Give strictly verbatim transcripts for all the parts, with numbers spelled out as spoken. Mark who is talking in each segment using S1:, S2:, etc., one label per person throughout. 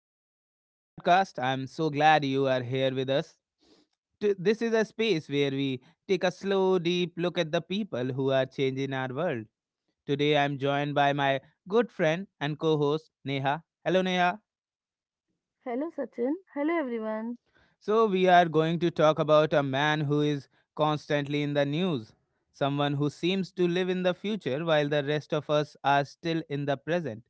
S1: welcome to our podcast. I'm so glad you are here with us. T- This is a space where we take a slow, deep look at the people who are changing our world. Today, I'm joined by my good friend and co host, Neha. Hello, Neha.
S2: Hello, Sachin. Hello, everyone.
S1: So, we are going to talk about a man who is constantly in the news, someone who seems to live in the future while the rest of us are still in the present.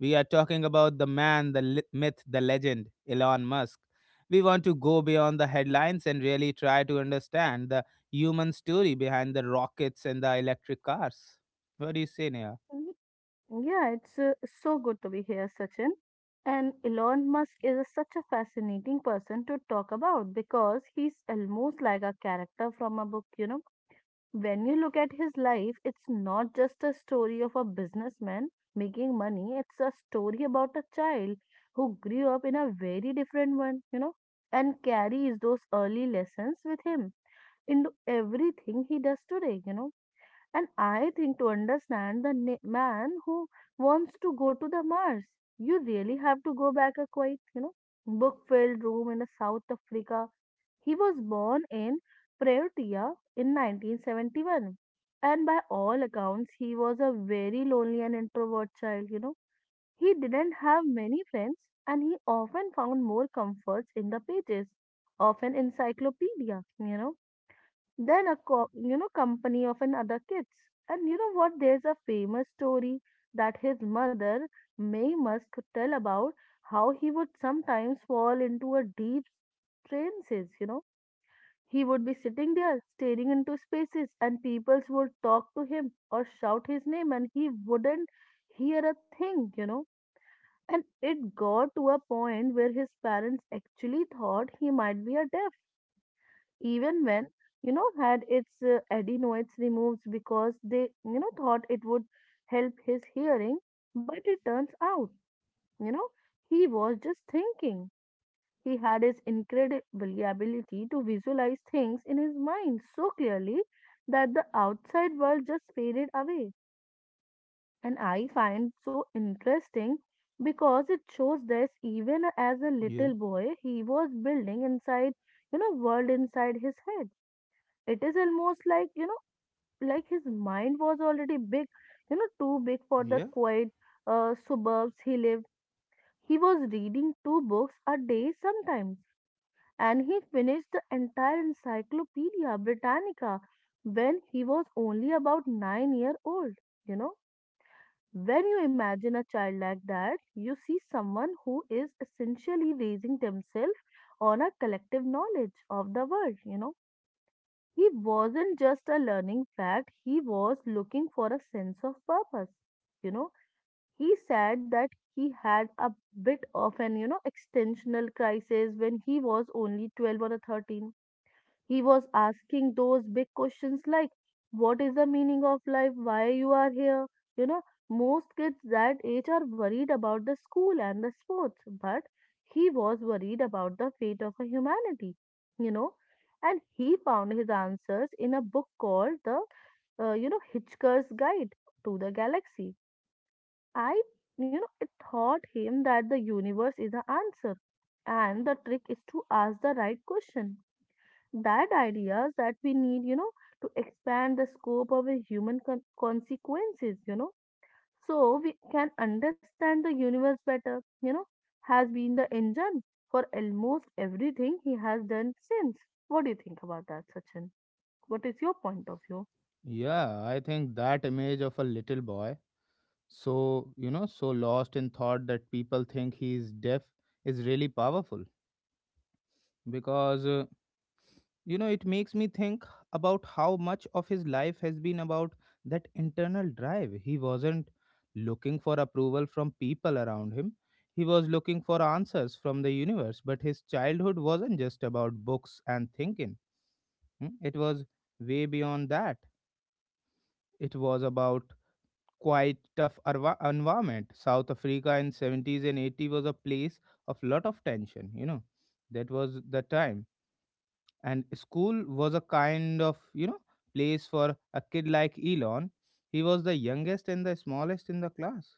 S1: We are talking about the man, the li- myth, the legend, Elon Musk. We want to go beyond the headlines and really try to understand the human story behind the rockets and the electric cars. What do you say, Neha?
S2: Mhm. Yeah, it's uh, So good to be here, Sachin. And Elon Musk is a- such a fascinating person to talk about because he's almost like a character from a book, you know. When you look at his life, it's not just a story of a businessman making money, it's a story about a child who grew up in a very different one, you know, and carries those early lessons with him into everything he does today, you know And I think to understand the na- man who wants to go to the Mars, you really have to go back a quite, you know, book-filled room in South Africa. He was born in Pretoria in nineteen seventy-one, and by all accounts, he was a very lonely and introvert child. You know, he didn't have many friends, and he often found more comforts in the pages of an encyclopedia. You know than a co- you know company of another kids, and you know what, there's a famous story that his mother may must tell about how he would sometimes fall into a deep trances you know He would be sitting there staring into spaces and peoples would talk to him or shout his name and he wouldn't hear a thing you know And it got to a point where his parents actually thought he might be a deaf, even when you know had its uh, adenoids removed because they you know thought it would help his hearing. But it turns out, you know, he was just thinking. He had his incredible ability to visualize things in his mind so clearly that the outside world just faded away. And I find so interesting because it shows that even as a
S1: Yeah,
S2: little boy he was building inside you know world inside his head. It is almost like, you know, like his mind was already big, you know, too big for
S1: yeah.
S2: the quiet uh, suburbs he lived. He was reading two books a day sometimes, and he finished the entire Encyclopedia Britannica when he was only about nine year old, you know. When you imagine a child like that, you see someone who is essentially raising themselves on a collective knowledge of the world you know He wasn't just a learning fact, he was looking for a sense of purpose. You know, he said that he had a bit of an, you know, extensional crisis when he was only twelve or a thirteen. He was asking those big questions like, what is the meaning of life? Why you are here? You know, most kids that age are worried about the school and the sports, but he was worried about the fate of a humanity, you know. And he found his answers in a book called the, uh, you know, Hitchhiker's Guide to the Galaxy. I, you know, it taught him that the universe is the answer and the trick is to ask the right question, that ideas that we need you know to expand the scope of a human con- consequences, you know, so we can understand the universe better, you know, has been the engine for almost everything he has done since. What do you think about that, Sachin? What is your point of view?
S1: Yeah, I think that image of a little boy so, you know so lost in thought that people think he is deaf is really powerful because uh, you know, it makes me think about how much of his life has been about that internal drive. He wasn't looking for approval from people around him, he was looking for answers from the universe. But his childhood wasn't just about books and thinking. Hmm? It was way beyond that. It was about quite tough arva- environment. South Africa in seventies and eighties was a place of lot of tension, you know. That was the time. And school was a kind of, you know, place for a kid like Elon. He was the youngest and the smallest in the class,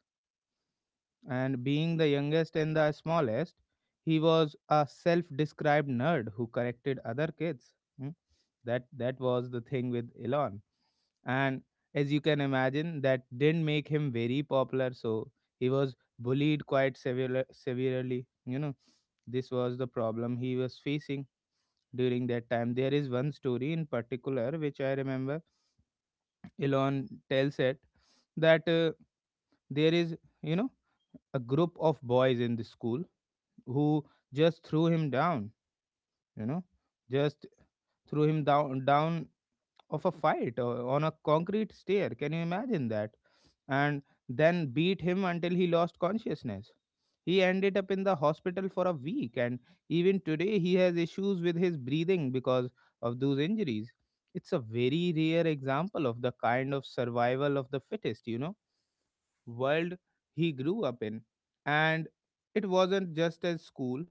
S1: and being the youngest and the smallest, he was a self-described nerd who corrected other kids. Hmm? That that was the thing with Elon, and as you can imagine, that didn't make him very popular. So he was bullied quite severe, severely. You know, this was the problem he was facing during that time. There is one story in particular which I remember. Elon tells it that. Uh, there is, you know, a group of boys in the school who just threw him down, you know, just threw him down down of a fight or on a concrete stair. Can you imagine that? And then beat him until he lost consciousness. He ended up in the hospital for a week, and even today he has issues with his breathing because of those injuries. It's a very rare example of the kind of survival of the fittest, you know, world he grew up in. And it wasn't just as school,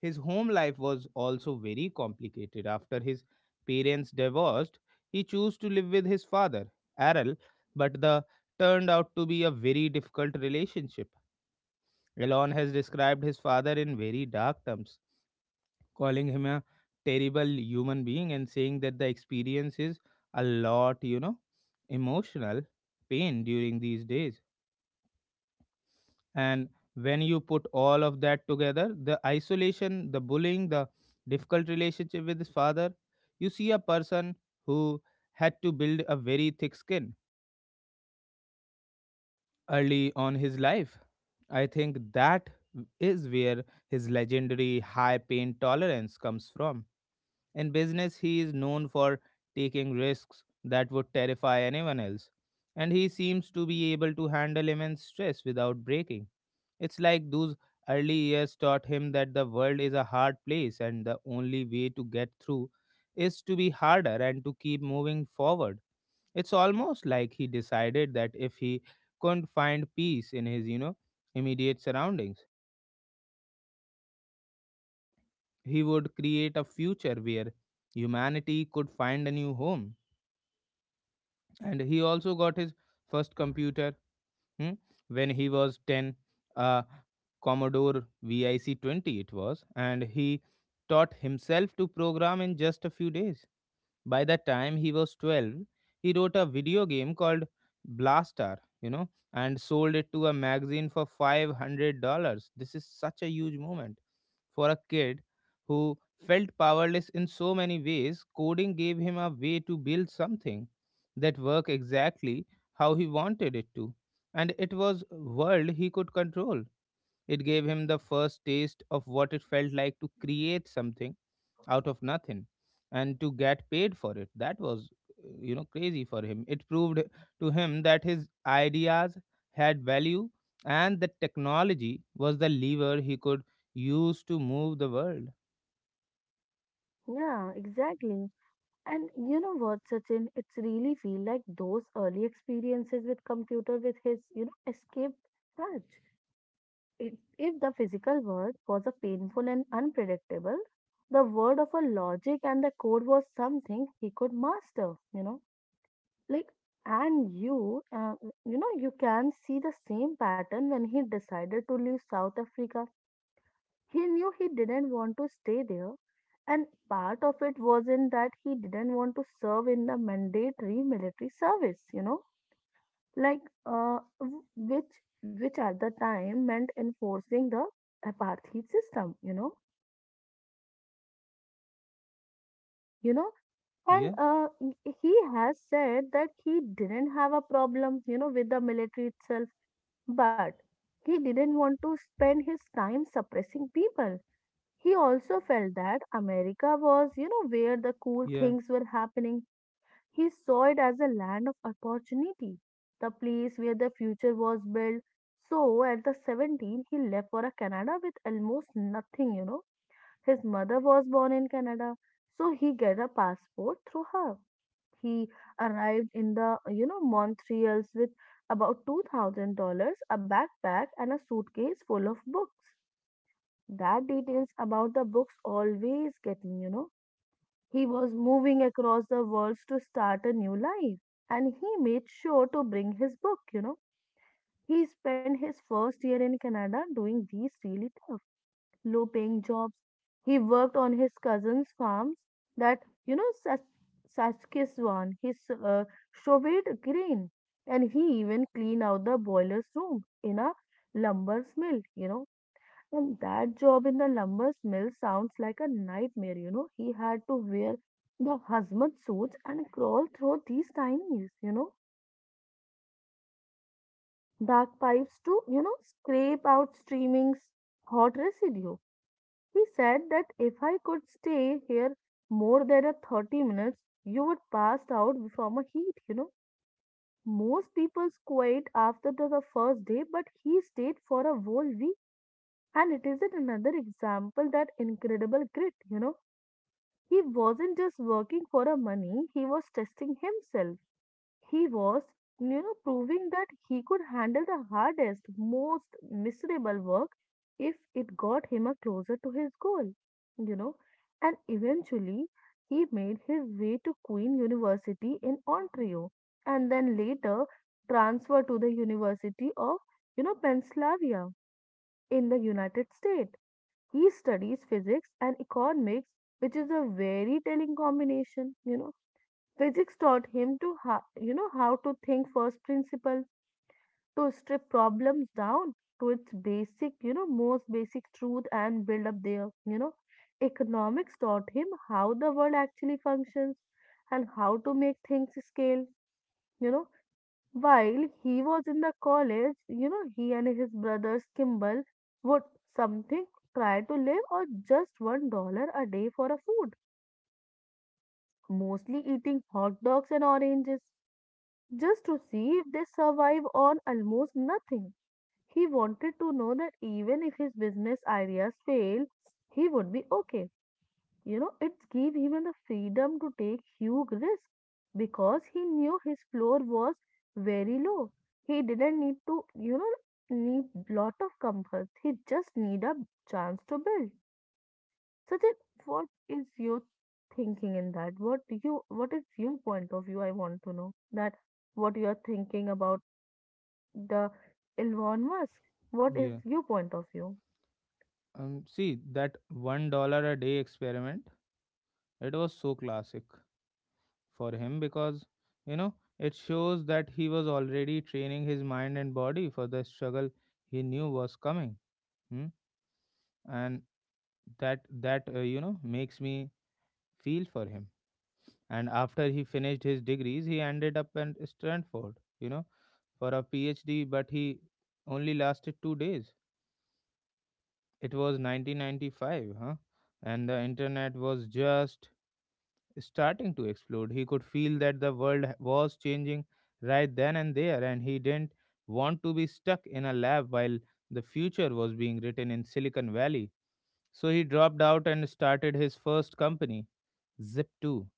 S1: his home life was also very complicated. After his parents divorced, he chose to live with his father, Errol, but the turned out to be a very difficult relationship. Elon has described his father in very dark terms, calling him a terrible human being and saying that the experience is a lot, you know, emotional pain during these days. And when you put all of that together, the isolation, the bullying, the difficult relationship with his father, you see a person who had to build a very thick skin early on his life. I think that is where his legendary high pain tolerance comes from. In business he is known for taking risks that would terrify anyone else, and he seems to be able to handle immense stress without breaking. It's like those early years taught him that the world is a hard place and the only way to get through is to be harder and to keep moving forward. It's almost like he decided that if he couldn't find peace in his, you know, immediate surroundings, he would create a future where humanity could find a new home. And he also got his first computer, hmm, when he was ten, uh, Commodore V I C twenty it was, and he taught himself to program in just a few days. By the time he was twelve, he wrote a video game called Blaster, you know, and sold it to a magazine for five hundred dollars. This is such a huge moment for a kid who felt powerless in so many ways. Coding gave him a way to build something that worked exactly how he wanted it to, and it was world he could control. It gave him the first taste of what it felt like to create something out of nothing and to get paid for it. That was, uh, you know, crazy for him. It proved to him that his ideas had value and that technology was the lever he could use to move the world.
S2: Yeah, exactly. And you know what, Sachin? It's really feel like those early experiences with computer with his, you know, escape touch. If if the physical world was a painful and unpredictable, the word of a logic and the code was something he could master, you know. Like, and you, uh, you know, you can see the same pattern when he decided to leave South Africa. He knew he didn't want to stay there, and part of it was in that he didn't want to serve in the mandatory military service, you know, like uh, w- which which at the time meant enforcing the apartheid system you know you know and
S1: Yeah,
S2: uh, he he has said that he didn't have a problem, you know, with the military itself, but he didn't want to spend his time suppressing people. He also felt that america was, you know, where the cool
S1: yeah,
S2: things were happening. He saw it as a land of opportunity, the place where the future was built. So at the seventeen, he left for a Canada with almost nothing, you know. His mother was born in Canada, so he got a passport through her. He arrived in the, you know, Montreals with about two thousand dollars a backpack, and a suitcase full of books. That details about the books always get me, you know, he was moving across the worlds to start a new life, and he made sure to bring his book, you know. He spent his first year in Canada doing these really tough, low paying jobs. He worked on his cousin's farms that, you know, Sas- Saskatchewan, his uh, shoved grain, and he even cleaned out the boiler's room in a lumber's mill, you know. And that job in the lumber mill sounds like a nightmare, you know. He had to wear the husband suits and crawl through these tiny, you know, dark pipes to, you know, scrape out streaming s- hot residue. He said that if I could stay here more than a thirty minutes, you would pass out from a heat, you know. Most people quit after the, the first day, but he stayed for a whole week. And it isn't another example that incredible grit, you know. He wasn't just working for a money, he was testing himself. He was, you know, proving that he could handle the hardest, most miserable work if it got him a closer to his goal, you know. And eventually, he made his way to Queen University in Ontario and then later transferred to the University of, you know, Pennsylvania in the United States. He studies physics and economics, which is a very telling combination, you know. Physics taught him to how, you know, how to think first principle, to strip problems down to its basic, you know, most basic truth and build up there, you know. Economics taught him how the world actually functions and how to make things scale, you know. While he was in the college, you know, he and his brothers Kimball would something try to live on just one dollar a day for a food, mostly eating hot dogs and oranges, just to see if they survive on almost nothing. He wanted to know that even if his business ideas failed, he would be okay. You know, it gave him the freedom to take huge risks because he knew his floor was very low. He didn't need to, you know, need lot of comfort. He just need a chance to build. Sachin, what is your thinking in that? What do you, what is your point of view? I want to know that what you are thinking about the Elon Musk. What is
S1: yeah.
S2: your point of view?
S1: Um, see, that one dollar a day experiment, it was so classic for him because, you know, it shows that he was already training his mind and body for the struggle he knew was coming. Hmm? And that that uh, you know, makes me feel for him. And after he finished his degrees, he ended up at Stanford, you know, for a PhD, but he only lasted two days. It was nineteen ninety-five, huh? And the internet was just starting to explode. He could feel that the world h- was changing right then and there, and he didn't want to be stuck in a lab while the future was being written in Silicon Valley. So he dropped out and started his first company Zip two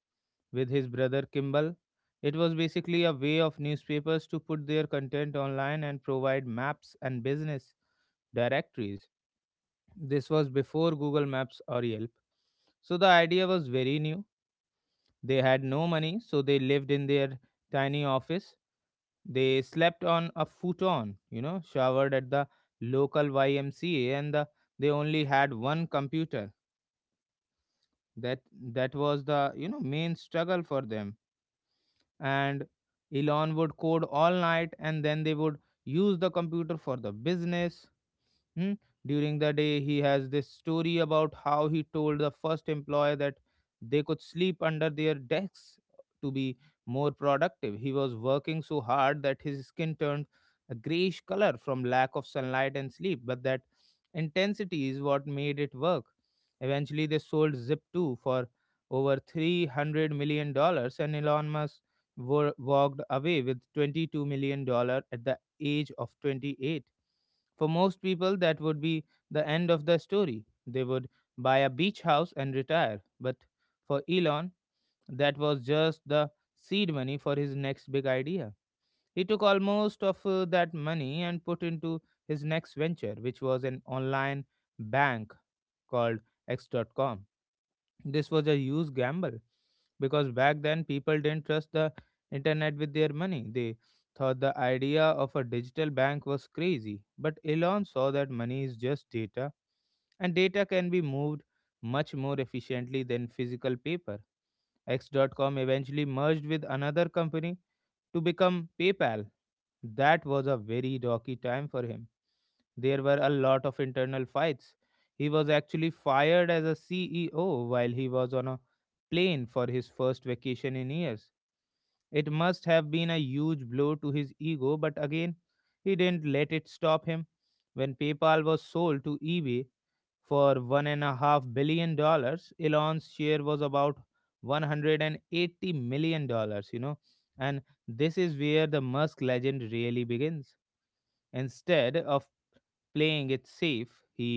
S1: with his brother Kimball. It was basically a way of newspapers to put their content online and provide maps and business directories. This was before Google Maps or Yelp. So the idea was very new. They had no money, so they lived in their tiny office. They slept on a futon, you know, showered at the local Y M C A, and the, they only had one computer. That that was the, you know, main struggle for them. And Elon would code all night and then they would use the computer for the business. Hmm? During the day, he has this story about how he told the first employee that they could sleep under their desks to be more productive. He was working so hard that his skin turned a grayish color from lack of sunlight and sleep, but that intensity is what made it work. Eventually, they sold Zip two for over three hundred million dollars, dollars, and Elon Musk wa- walked away with $22 million dollars at the age of twenty-eight. For most people, that would be the end of the story. They would buy a beach house and retire. But for Elon, that was just the seed money for his next big idea. He took almost of uh, that money and put into his next venture, which was an online bank called X dot com. This was a huge gamble because back then people didn't trust the internet with their money. They thought the idea of a digital bank was crazy. But Elon saw that money is just data, and data can be moved much more efficiently than physical paper. X. dot com eventually merged with another company to become PayPal. That was a very rocky time for him. There were a lot of internal fights. He was actually fired as a C E O while he was on a plane for his first vacation in years. It must have been a huge blow to his ego, but again, he didn't let it stop him. When PayPal was sold to eBay for one and a half billion dollars, Elon's share was about one hundred eighty million dollars, you know. And this is where the Musk legend really begins. Instead of playing it safe, he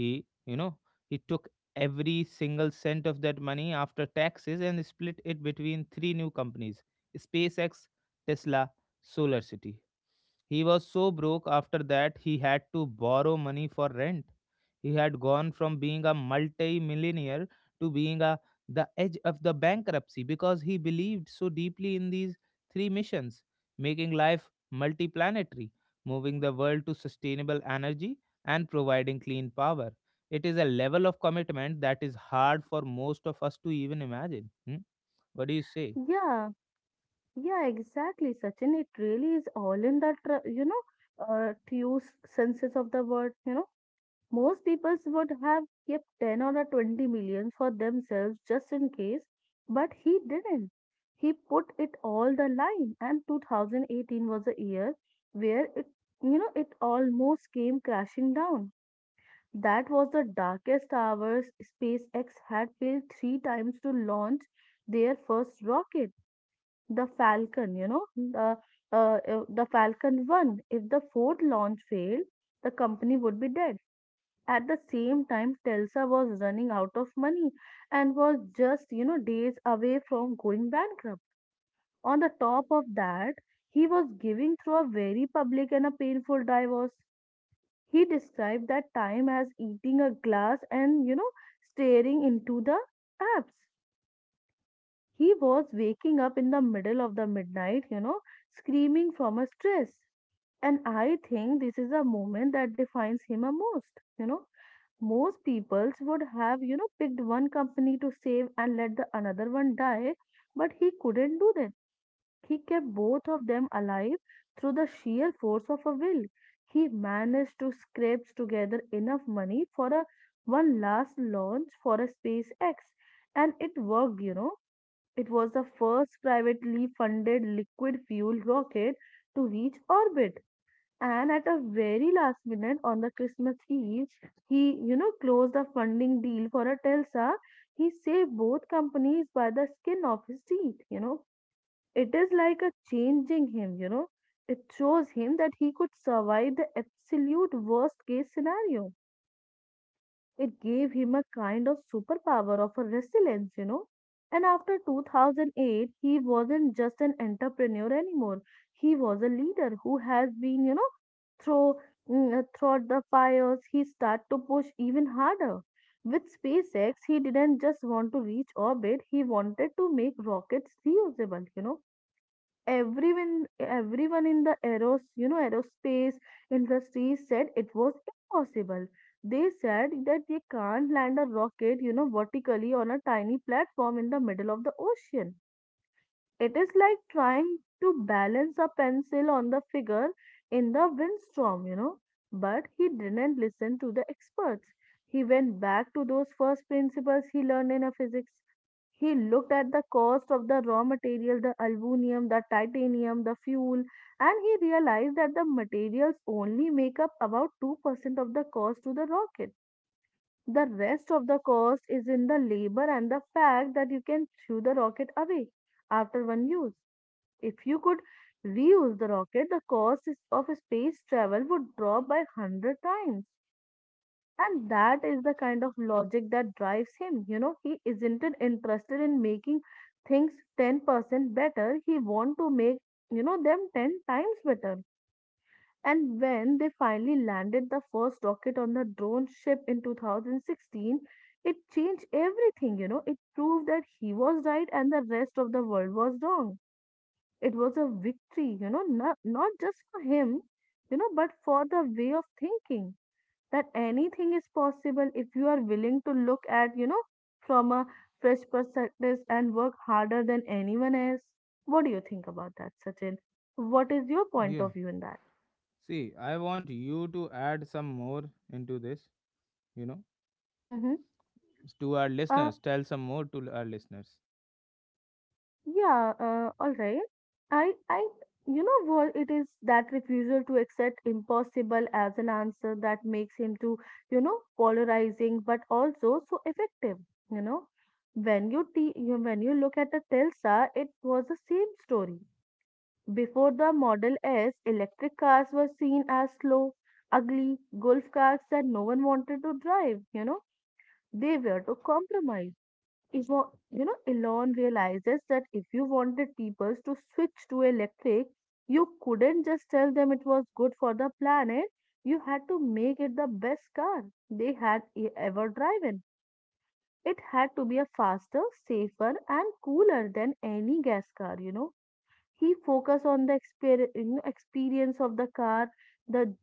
S1: he you know he took every single cent of that money after taxes and split it between three new companies, SpaceX, Tesla, Solar City. He was so broke after that he had to borrow money for rent. He had gone from being a multi-millionaire to being a the edge of the bankruptcy because he believed so deeply in these three missions, making life multiplanetary, moving the world to sustainable energy and providing clean power. It is a level of commitment that is hard for most of us to even imagine. Hmm? What do you say?
S2: Yeah, yeah, exactly, Sachin. It really is all in that, tr- you know, uh, to use senses of the word, you know, most people would have kept ten or a twenty million for themselves just in case, but he didn't. He put it all the line, and two thousand eighteen was a year where it, you know, it almost came crashing down. That was the darkest hours SpaceX had failed three times to launch their first rocket the Falcon, you know, the uh, uh, the Falcon one. If the fourth launch failed, the company would be dead. At the same time, Telsa was running out of money and was just, you know, days away from going bankrupt. On the top of that, he was giving through a very public and a painful divorce. He described that time as eating a glass and, you know, staring into the apps. He was waking up in the middle of the midnight, you know, screaming from a stress. And I think this is a moment that defines him a most, you know. Most peoples would have, you know, picked one company to save and let the another one die, but he couldn't do that. He kept both of them alive through the sheer force of a will. He managed to scrape together enough money for a one last launch for a SpaceX, and it worked, you know, it was the first privately funded liquid fuel rocket to reach orbit. And at a very last minute on the Christmas Eve, he, you know, closed a funding deal for a Telsa. He saved both companies by the skin of his teeth, you know. It is like a changing him, you know. It shows him that he could survive the absolute worst case scenario. It gave him a kind of superpower of a resilience, you know. And after two thousand eight, he wasn't just an entrepreneur anymore. He was a leader who has been, you know, through mm, uh, throughout the fires. He started to push even harder. With SpaceX, he didn't just want to reach orbit. He wanted to make rockets reusable, you know Everyone, everyone in the aeros, you know, aerospace industry said it was impossible. They said that they can't land a rocket, you know, vertically on a tiny platform in the middle of the ocean. It is like trying to balance a pencil on the figure in the windstorm, you know. But he didn't listen to the experts. He went back to those first principles he learned in a physics. He looked at the cost of the raw material, the aluminum, the titanium, the fuel, and he realized that the materials only make up about two percent of the cost to the rocket. The rest of the cost is in the labor and the fact that you can throw the rocket away after one use. If you could reuse the rocket, the cost is- of space travel would drop by one hundred times. And that is the kind of logic that drives him. You know, He isn't interested in making things ten percent better. He wants to make, you know, them ten times better. And when they finally landed the first rocket on the drone ship in two thousand sixteen, it changed everything, you know. It proved that he was right and the rest of the world was wrong. It was a victory, you know, not, not just for him, you know, but for the way of thinking that anything is possible if you are willing to look at, you know, from a fresh perspective and work harder than anyone else. What do you think about that, Sachin? What is your point
S1: Yeah.
S2: of view in that?
S1: See, I want you to add some more into this. You know,
S2: Mm-hmm.
S1: to our
S2: Uh,
S1: listeners, tell some more to our listeners.
S2: Yeah, uh, all right. I, I, you know what? It is that refusal to accept impossible as an answer that makes him to, you know, polarizing, but also so effective. You know, when you te- you when you look at the Telsa, it was the same story. Before the Model S, electric cars were seen as slow, ugly golf cars that no one wanted to drive. You know, they were to compromise Ivo- you know, Elon realizes that if you wanted people to switch to electric, you couldn't just tell them it was good for the planet. You had to make it the best car they had e- ever driven. It had to be a faster, safer, and cooler than any gas car, you know. He focused on the exper- you know, experience of the car, the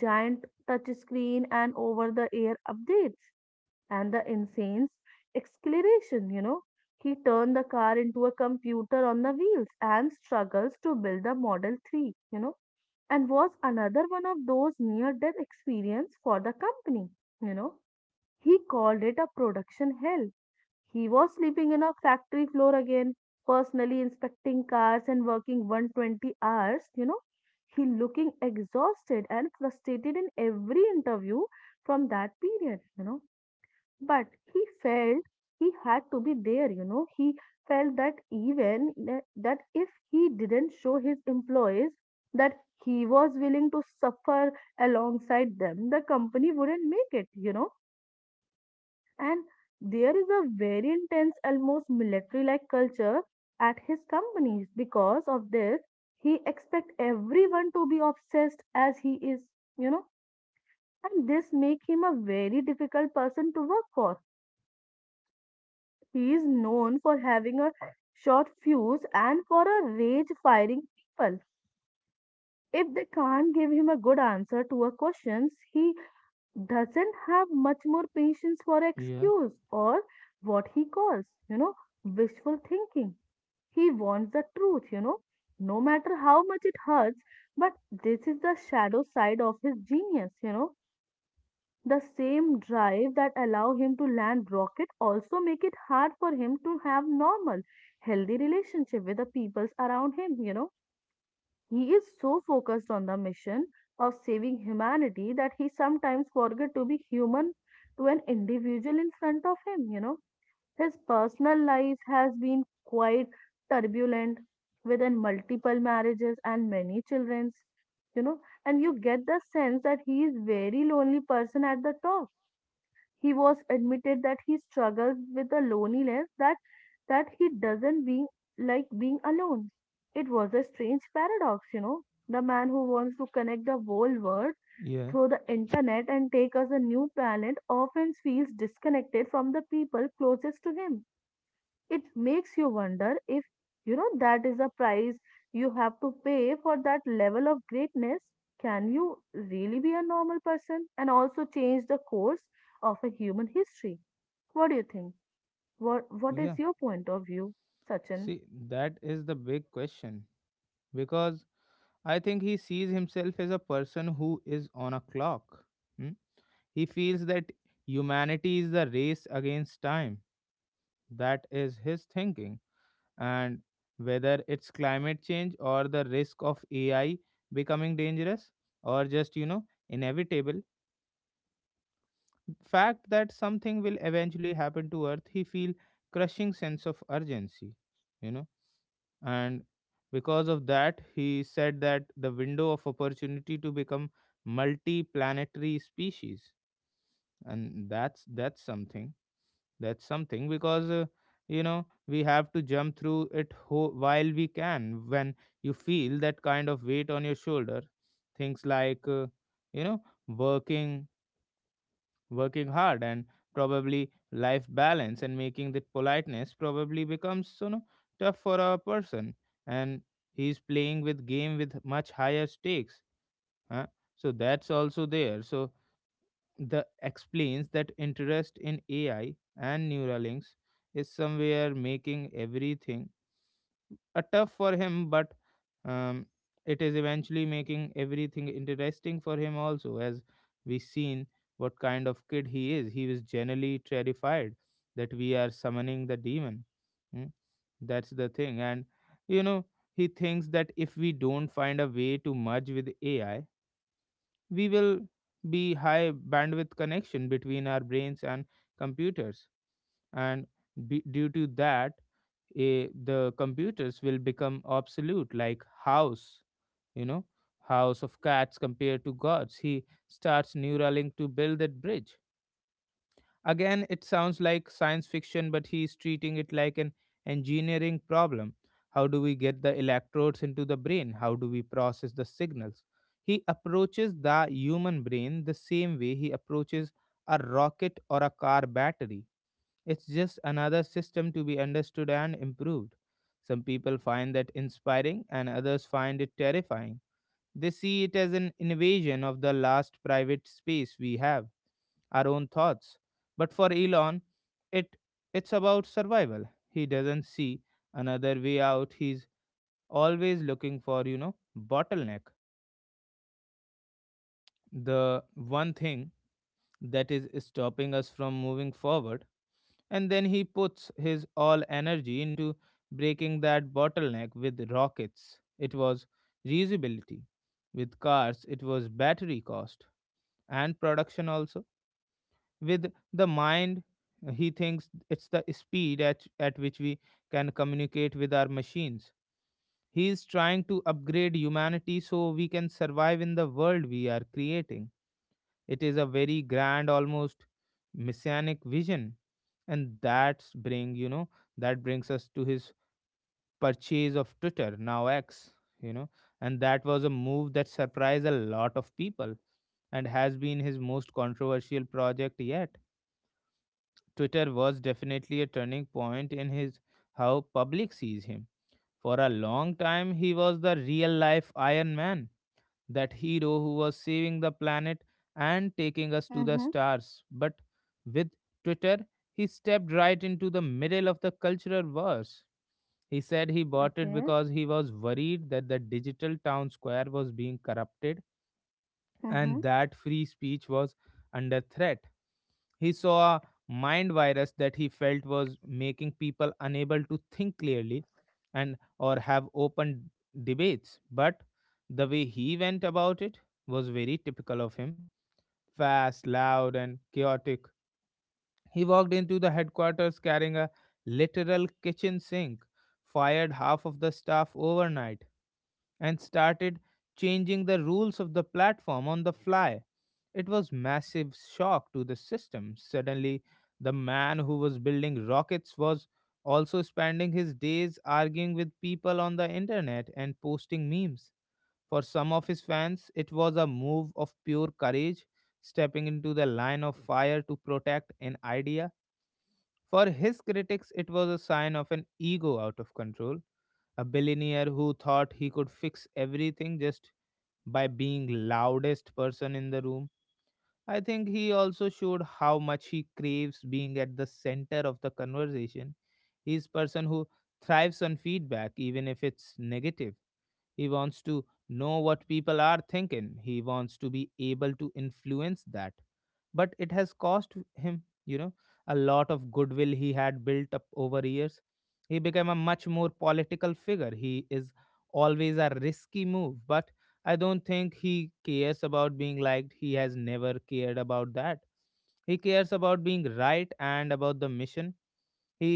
S2: giant touch screen, and over the air updates and the insane's exclamation, you know. He turned the car into a computer on the wheels and struggles to build the Model three, you know, and was another one of those near death experience for the company, you know. He called it a production hell. He was sleeping in a factory floor again, personally inspecting cars and working one hundred twenty hours, you know. He looking exhausted and frustrated in every interview from that period you know but he felt he had to be there you know He felt that even tha- that if he didn't show his employees that he was willing to suffer alongside them the company wouldn't make it, you know. And there is a very intense almost military like culture at his companies because of this. He expects everyone to be obsessed as he is, you know, and this make him a very difficult person to work for. He is known for having a short fuse and for a rage firing people. If they can't give him a good answer to a questions, he doesn't have much more patience for
S1: Yeah,
S2: excuse or what he calls, you know, wishful thinking. He wants the truth, you know, no matter how much it hurts. But this is the shadow side of his genius, you know. The same drive that allow him to land rocket also make it hard for him to have normal, healthy relationship with the peoples around him, you know. He is so focused on the mission of saving humanity that he sometimes forget to be human to an individual in front of him, you know. His personal life has been quite turbulent with an multiple marriages and many childrens, you know, and you get the sense that he is very lonely person at the top. He was admitted that he struggles with the loneliness that that he doesn't be like being alone. It was a strange paradox, you know. The man who wants to connect the whole world
S1: yeah,
S2: through the internet and take us a new planet often feels disconnected from the people closest to him. It makes you wonder if, you know, that is the price you have to pay for that level of greatness. Can you really be a normal person and also change the course of a human history? What do you think? What what is
S1: yeah.
S2: your point of view, Sachin?
S1: See, that is the big question because I think he sees himself as a person who is on a clock. Hmm? He feels that humanity is the race against time. That is his thinking. And whether it's climate change or the risk of AI becoming dangerous, or just, you know, inevitable fact that something will eventually happen to earth, he feel crushing sense of urgency, you know. And because of that, he said that the window of opportunity to become multi-planetary species, and that's that's something. That's something because, uh, you know, we have to jump through it ho- while we can. When you feel that kind of weight on your shoulder, things like, uh, you know, working working hard and probably life balance and making that politeness probably becomes, you know, tough for a person. And he's playing with game with much higher stakes, huh? So that's also there, so the explains that interest in AI and neural links is somewhere making everything a tough for him, but um, it is eventually making everything interesting for him also, as we seen what kind of kid he is. He was generally terrified that we are summoning the demon. Mm, that's the thing, and you know he thinks that if we don't find a way to merge with A I, we will be high bandwidth connection between our brains and computers and be, due to that eh, the computers will become obsolete like house, you know, house of cats compared to gods. He starts neuralink to build that bridge. Again it sounds like science fiction, but he's treating it like an engineering problem. How do we get the electrodes into the brain, how do we process the signals? He approaches the human brain the same way he approaches a rocket or a car battery. It's just another system to be understood and improved. Some people find that inspiring and others find it terrifying. They see it as an invasion of the last private space we have, our own thoughts. But for Elon, it it's about survival. He doesn't see another way out. He's always looking for, you know, bottleneck. The one thing that is stopping us from moving forward. And then he puts his all energy into breaking that bottleneck with rockets. It was reusability. With cars, it was battery cost and production also. With the mind, he thinks it's the speed at, at which we can communicate with our machines. He is trying to upgrade humanity so we can survive in the world we are creating. It is a very grand, almost messianic vision. And that's bring, you know, that brings us to his purchase of Twitter, now X, you know, and that was a move that surprised a lot of people and has been his most controversial project yet. Twitter was definitely a turning point in his how public sees him. For a long time he was the real life Iron Man, that hero who was saving the planet and taking us to the
S2: Mm-hmm.
S1: stars. But with Twitter, he stepped right into the middle of the cultural wars. He said he bought it
S2: Okay.
S1: because he was worried that the digital town square was being corrupted
S2: Mm-hmm.
S1: and that free speech was under threat. He saw a mind virus that he felt was making people unable to think clearly and or have open debates. But the way he went about it was very typical of him. Fast, loud and chaotic. He walked into the headquarters carrying a literal kitchen sink, fired half of the staff overnight and started changing the rules of the platform on the fly. It was massive shock to the system. Suddenly, the man who was building rockets was also spending his days arguing with people on the internet and posting memes. For some of his fans, it was a move of pure courage, stepping into the line of fire to protect an idea. For his critics, it was a sign of an ego out of control, a billionaire who thought he could fix everything just by being loudest person in the room. I think he also showed how much he craves being at the center of the conversation. He's person who thrives on feedback even if it's negative. He wants to know what people are thinking. He wants to be able to influence that, but it has cost him, you know, a lot of goodwill he had built up over years. He became a much more political figure. He is always a risky move, but I don't think he cares about being liked. He has never cared about that. He cares about being right and about the mission. he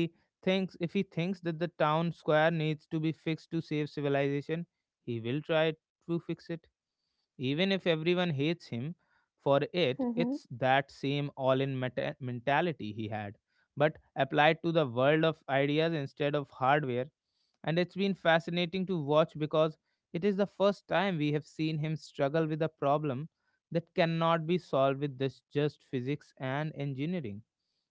S1: thinks if he thinks that the town square needs to be fixed to save civilization, he will try to fix it, even if everyone hates him for it.
S2: Hmm.
S1: It's that same all in mentality he had, but applied to the world of ideas instead of hardware. And it's been fascinating to watch because it is the first time we have seen him struggle with a problem that cannot be solved with this just physics and engineering.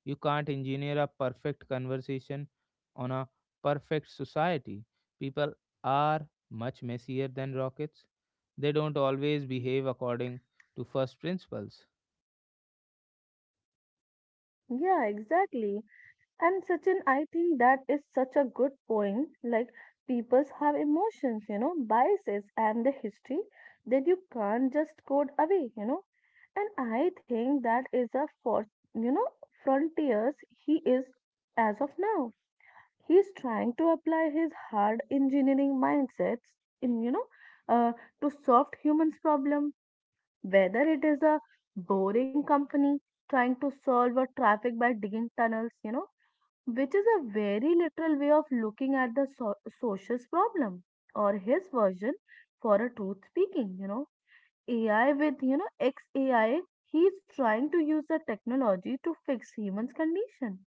S1: You can't engineer a perfect conversation on a perfect society. People are much messier than rockets. They don't always behave according to first principles.
S2: Yeah, exactly. And Sachin, I think that is such a good point. Like peoples have emotions, you know, biases and the history that you can't just code away, you know. And I think that is a for, you know, frontiers he is as of now. He's trying to apply his hard engineering mindsets in, you know, uh, to soft humans problem, whether it is a boring company trying to solve a traffic by digging tunnels, you know, which is a very literal way of looking at the so- social's problem or his version for a truth speaking, you know, ai with, you know, xai. He is trying to use the technology to fix human's condition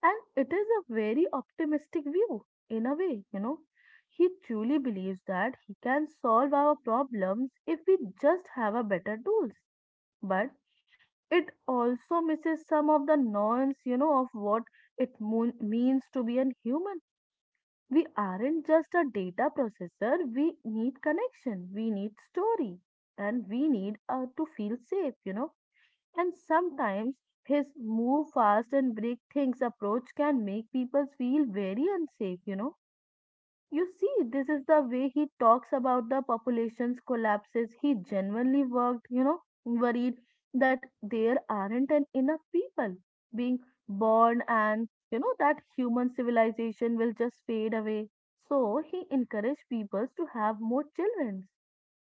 S2: and it is a very optimistic view in a way, you know. He truly believes that he can solve our problems if we just have a better tools, but it also misses some of the nuance, you know, of what it moon means to be a human. We aren't just a data processor. We need connection. We need story, and we need uh, to feel safe, you know. And sometimes his move fast and break things approach can make people feel very unsafe, you know. You see, this is the way he talks about the population's collapses. He genuinely worked, you know, worried that there aren't an enough people being born and, you know, that human civilization will just fade away. So he encouraged peoples to have more children.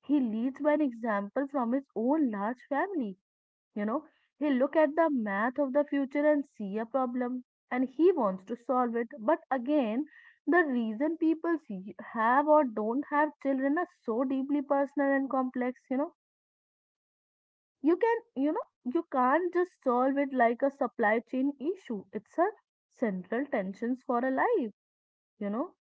S2: He leads by an example from his own large family. You know, he look at the math of the future and see a problem and he wants to solve it. But again, the reason people see- have or don't have children are so deeply personal and complex, you know. You can, you know, you can't just solve it like a supply chain issue. It's a central tensions for a life, you know.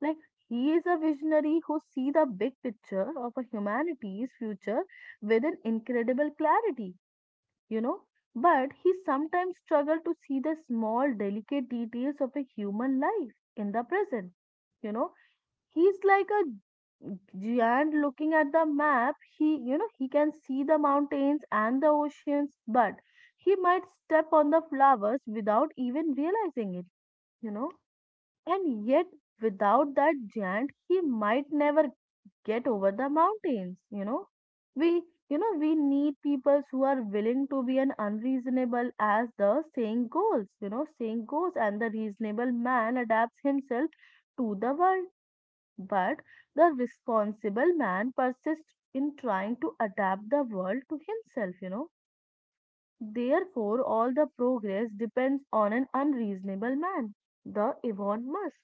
S2: Like he is a visionary who see the big picture of a humanity's future with an incredible clarity, you know. But he sometimes struggle to see the small, delicate details of a human life in the present, you know. He's like a giant looking at the map. He you know he can see the mountains and the oceans but he might step on the flowers without even realizing it, you know. And yet without that giant he might never get over the mountains, you know. We you know we need people who are willing to be an unreasonable as the saying goes you know saying goes and the reasonable man adapts himself to the world, but the responsible man persists in trying to adapt the world to himself, you know. Therefore, all the progress depends on an unreasonable man, the Elon Musk.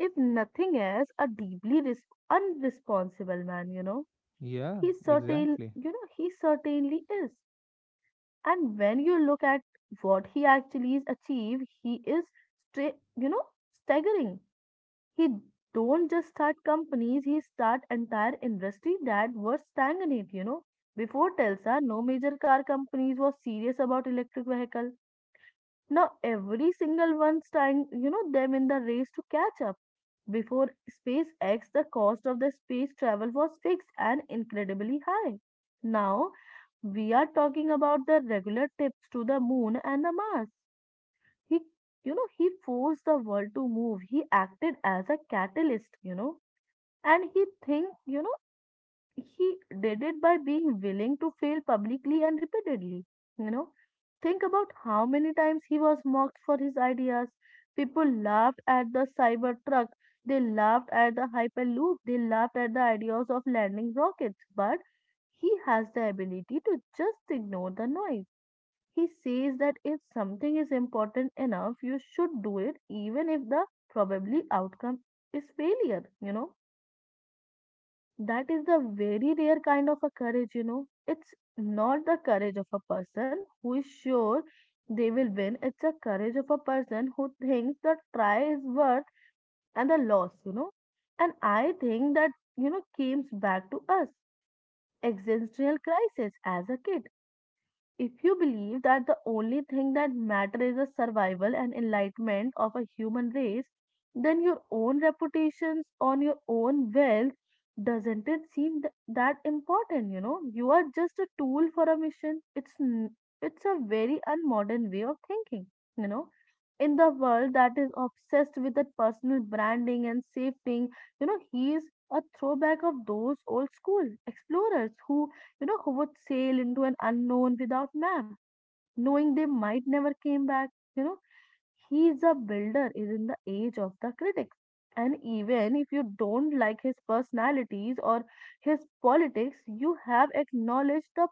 S2: If nothing else, a deeply res- unresponsible man, you know.
S1: Yeah,
S2: He certain,
S1: exactly.
S2: you know, he certainly is. And when you look at what he actually is achieved, he is, stra- you know, staggering. He don't just start companies, he start entire industry that were stagnant, you know. Before Telsa, no major car companies was serious about electric vehicle. Now every single one's tying, you know, them in the race to catch up. Before SpaceX, the cost of the space travel was fixed and incredibly high. Now we are talking about the regular trips to the moon and the Mars. He, you know, he forced the world to move. He acted as a catalyst, you know, and he think, you know, he did it by being willing to fail publicly and repeatedly, you know. Think about how many times he was mocked for his ideas. People laughed at the Cybertruck. They laughed at the Hyperloop. They laughed at the ideas of landing rockets. But he has the ability to just ignore the noise. He says that if something is important enough, you should do it, even if the probably outcome is failure, you know. That is the very rare kind of a courage, you know. It's not the courage of a person who is sure they will win, it's the courage of a person who thinks the try is worth and the loss, you know. And I think that, you know, comes back to us existential crisis as a kid. If you believe that the only thing that matters is the survival and enlightenment of a human race, then your own reputations on your own wealth doesn't it seem th- that important? You know, you are just a tool for a mission. It's n- it's a very unmodern way of thinking. You know in the world that is obsessed with that personal branding and safety, you know he is a throwback of those old school explorers who you know who would sail into an unknown without map knowing they might never came back you know he is a builder is in the age of the critics. And even if you don't like his personalities or his politics, you have acknowledged the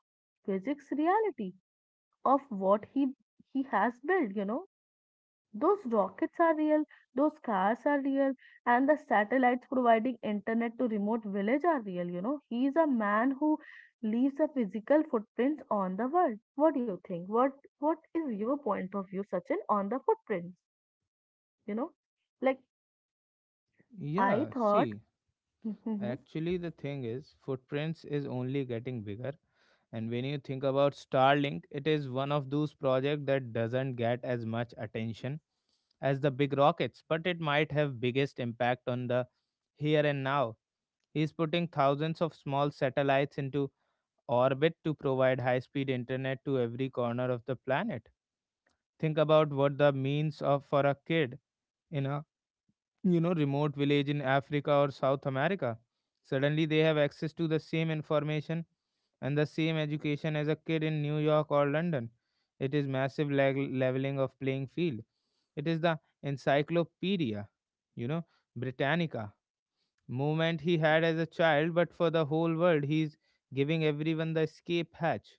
S2: physics reality of what he he has built you know Those rockets are real, those cars are real, and the satellites providing internet to remote village are real, you know. He is a man who leaves a physical footprint on the world. What do you think? What what is your point of view, Sachin, on the footprints? You know? Like, I
S1: Yeah,
S2: thought.
S1: see,
S2: Mm-hmm.
S1: actually, the thing is, footprints is only getting bigger. And when you think about Starlink, it is one of those projects that doesn't get as much attention as the big rockets, but it might have biggest impact on the here and now. He's putting thousands of small satellites into orbit to provide high speed internet to every corner of the planet. Think about what that means of, for a kid in a, you know, remote village in Africa or South America. Suddenly they have access to the same information and the same education as a kid in New York or London. It is massive leg- leveling of playing field. It is the encyclopedia, you know, Britannica moment he had as a child, but for the whole world, he's giving everyone the escape hatch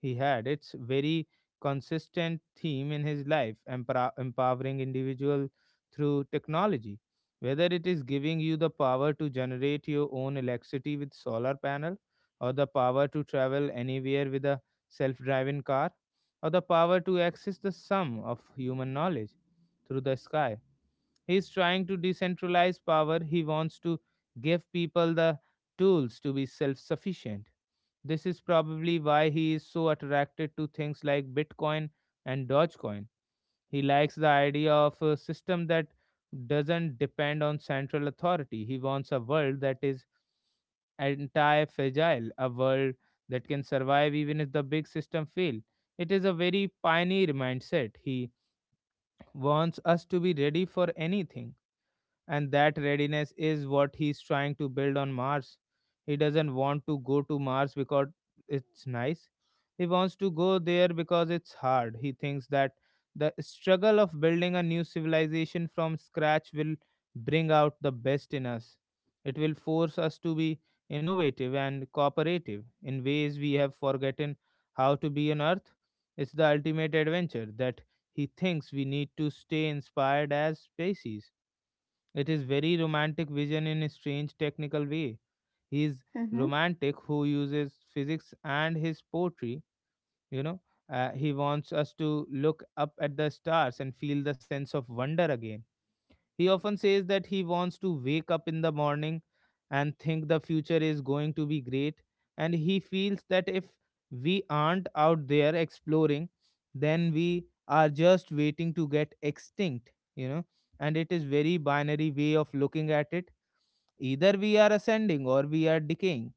S1: he had. It's very consistent theme in his life, empower- empowering individual through technology. Whether it is giving you the power to generate your own electricity with solar panel, or the power to travel anywhere with a self-driving car, or the power to access the sum of human knowledge through the sky. He's trying to decentralize power. He wants to give people the tools to be self sufficient. This is probably why he is so attracted to things like Bitcoin and Dogecoin. He likes the idea of a system that doesn't depend on central authority. He wants a world that is anti fragile, a world that can survive even if the big system fail. It is a very pioneer mindset. He wants us to be ready for anything, and that readiness is what he's trying to build on Mars. He doesn't want to go to Mars because it's nice. He wants to go there because it's hard. He thinks that the struggle of building a new civilization from scratch will bring out the best in us. It will force us to be innovative and cooperative in ways we have forgotten how to be on Earth. It's the ultimate adventure that he thinks we need to stay inspired as species. It is very romantic vision in a strange technical way. He is
S2: Mm-hmm.
S1: romantic who uses physics and his poetry, you know. Uh, he wants us to look up at the stars and feel the sense of wonder again. He often says that he wants to wake up in the morning and think the future is going to be great. And he feels that if we aren't out there exploring, then we are just waiting to get extinct, you know. And it is very binary way of looking at it. Either we are ascending or we are decaying.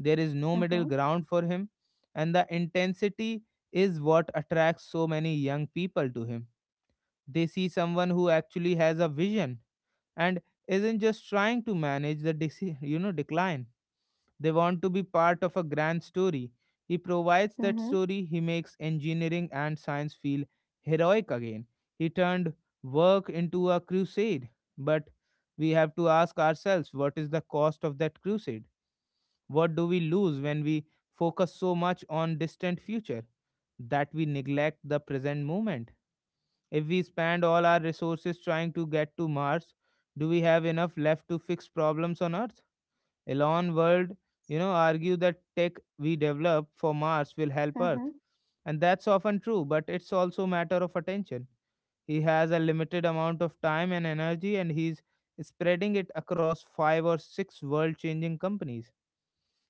S1: There is no
S2: Mm-hmm.
S1: middle ground for him. And the intensity is what attracts so many young people to him. They see someone who actually has a vision and isn't just trying to manage the deci- you know decline. They want to be part of a grand story. He provides that
S2: Mm-hmm.
S1: story. He makes engineering and science feel heroic again. He turned work into a crusade, but we have to ask ourselves, what is the cost of that crusade? What do we lose when we focus so much on distant future that we neglect the present moment? If we spend all our resources trying to get to Mars, do we have enough left to fix problems on Earth? Elon World, you know, argue that tech we develop for Mars will help
S2: Mm-hmm.
S1: Earth. And that's often true, but it's also matter of attention. He has a limited amount of time and energy and he's spreading it across five or six world changing companies.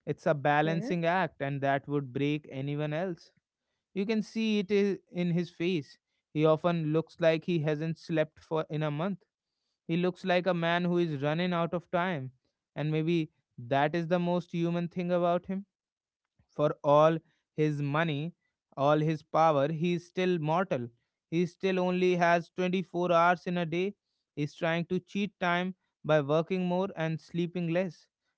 S1: It's a
S2: Okay.
S1: balancing act and that would break anyone else. You can see it i- in his face. He often looks like he hasn't slept for in a month. He looks like a man who is running out of time. And maybe that is the most human thing about him. For all his money, all his power, he is still mortal. He still only has twenty-four hours in a day. He's trying to cheat time by working more and sleeping less,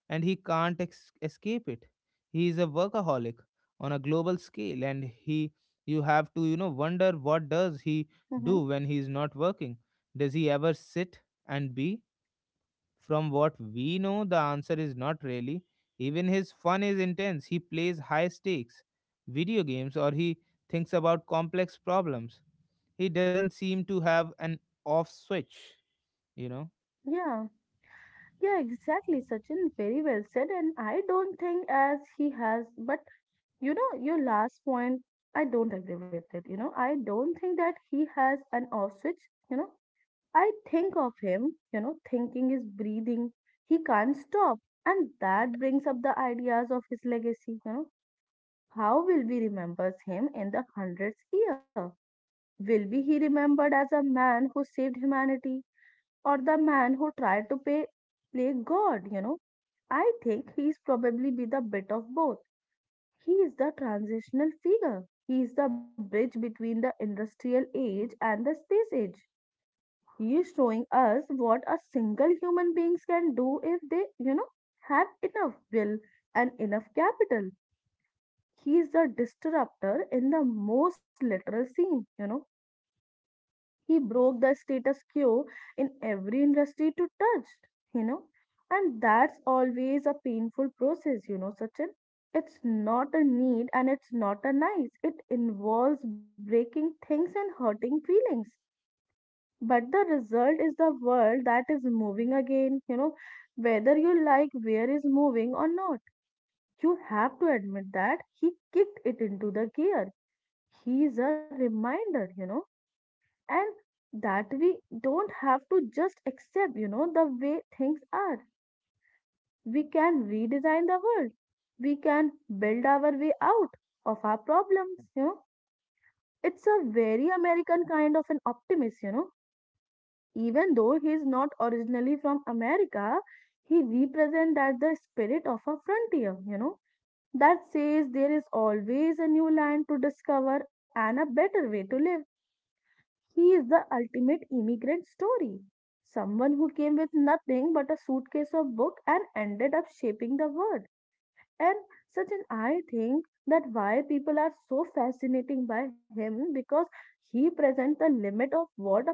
S1: and he can't ex- escape it. He is a workaholic on a global scale, and he, you have to you know wonder, what does he
S2: Mm-hmm.
S1: do when he is not working? Does he ever sit and be? From what we know, the answer is not really. Even his fun is intense. He plays high stakes video games or he thinks about complex problems. He doesn't seem to have an off switch, you know?
S2: Yeah, yeah, exactly. Sachin very well said, and I don't think as he has, but You know, your last point, I don't agree with it. You know, I don't think that he has an off switch. You know, I think of him, you know, thinking is breathing. He can't stop. And that brings up the ideas of his legacy. You know, how will we remember him in the hundredth year? Will be he remembered as a man who saved humanity or the man who tried to pay, play God? You know, I think he's probably be the bit of both. He is the transitional figure. He is the bridge between the industrial age and the space age. He is showing us what a single human beings can do if they, you know, have enough will and enough capital. He is the disruptor in the most literal scene, you know he broke the status quo in every industry to touch, you know. And that's always a painful process, you know, Sachin. It's not a need and it's not a nice. It involves breaking things and hurting feelings. But the result is the world that is moving again, you know, whether you like where is moving or not. You have to admit that he kicked it into the gear. He's a reminder, you know and that we don't have to just accept you know the way things are. We can redesign the world. We can build our way out of our problems you know It's a very American kind of an optimist you know even though he's not originally from America. He represents that the spirit of a frontier you know that says there is always a new land to discover and a better way to live. He is the ultimate immigrant story. Someone who came with nothing but a suitcase of book and ended up shaping the world. And such an, I think that why people are so fascinating by him because he presents the limit of what a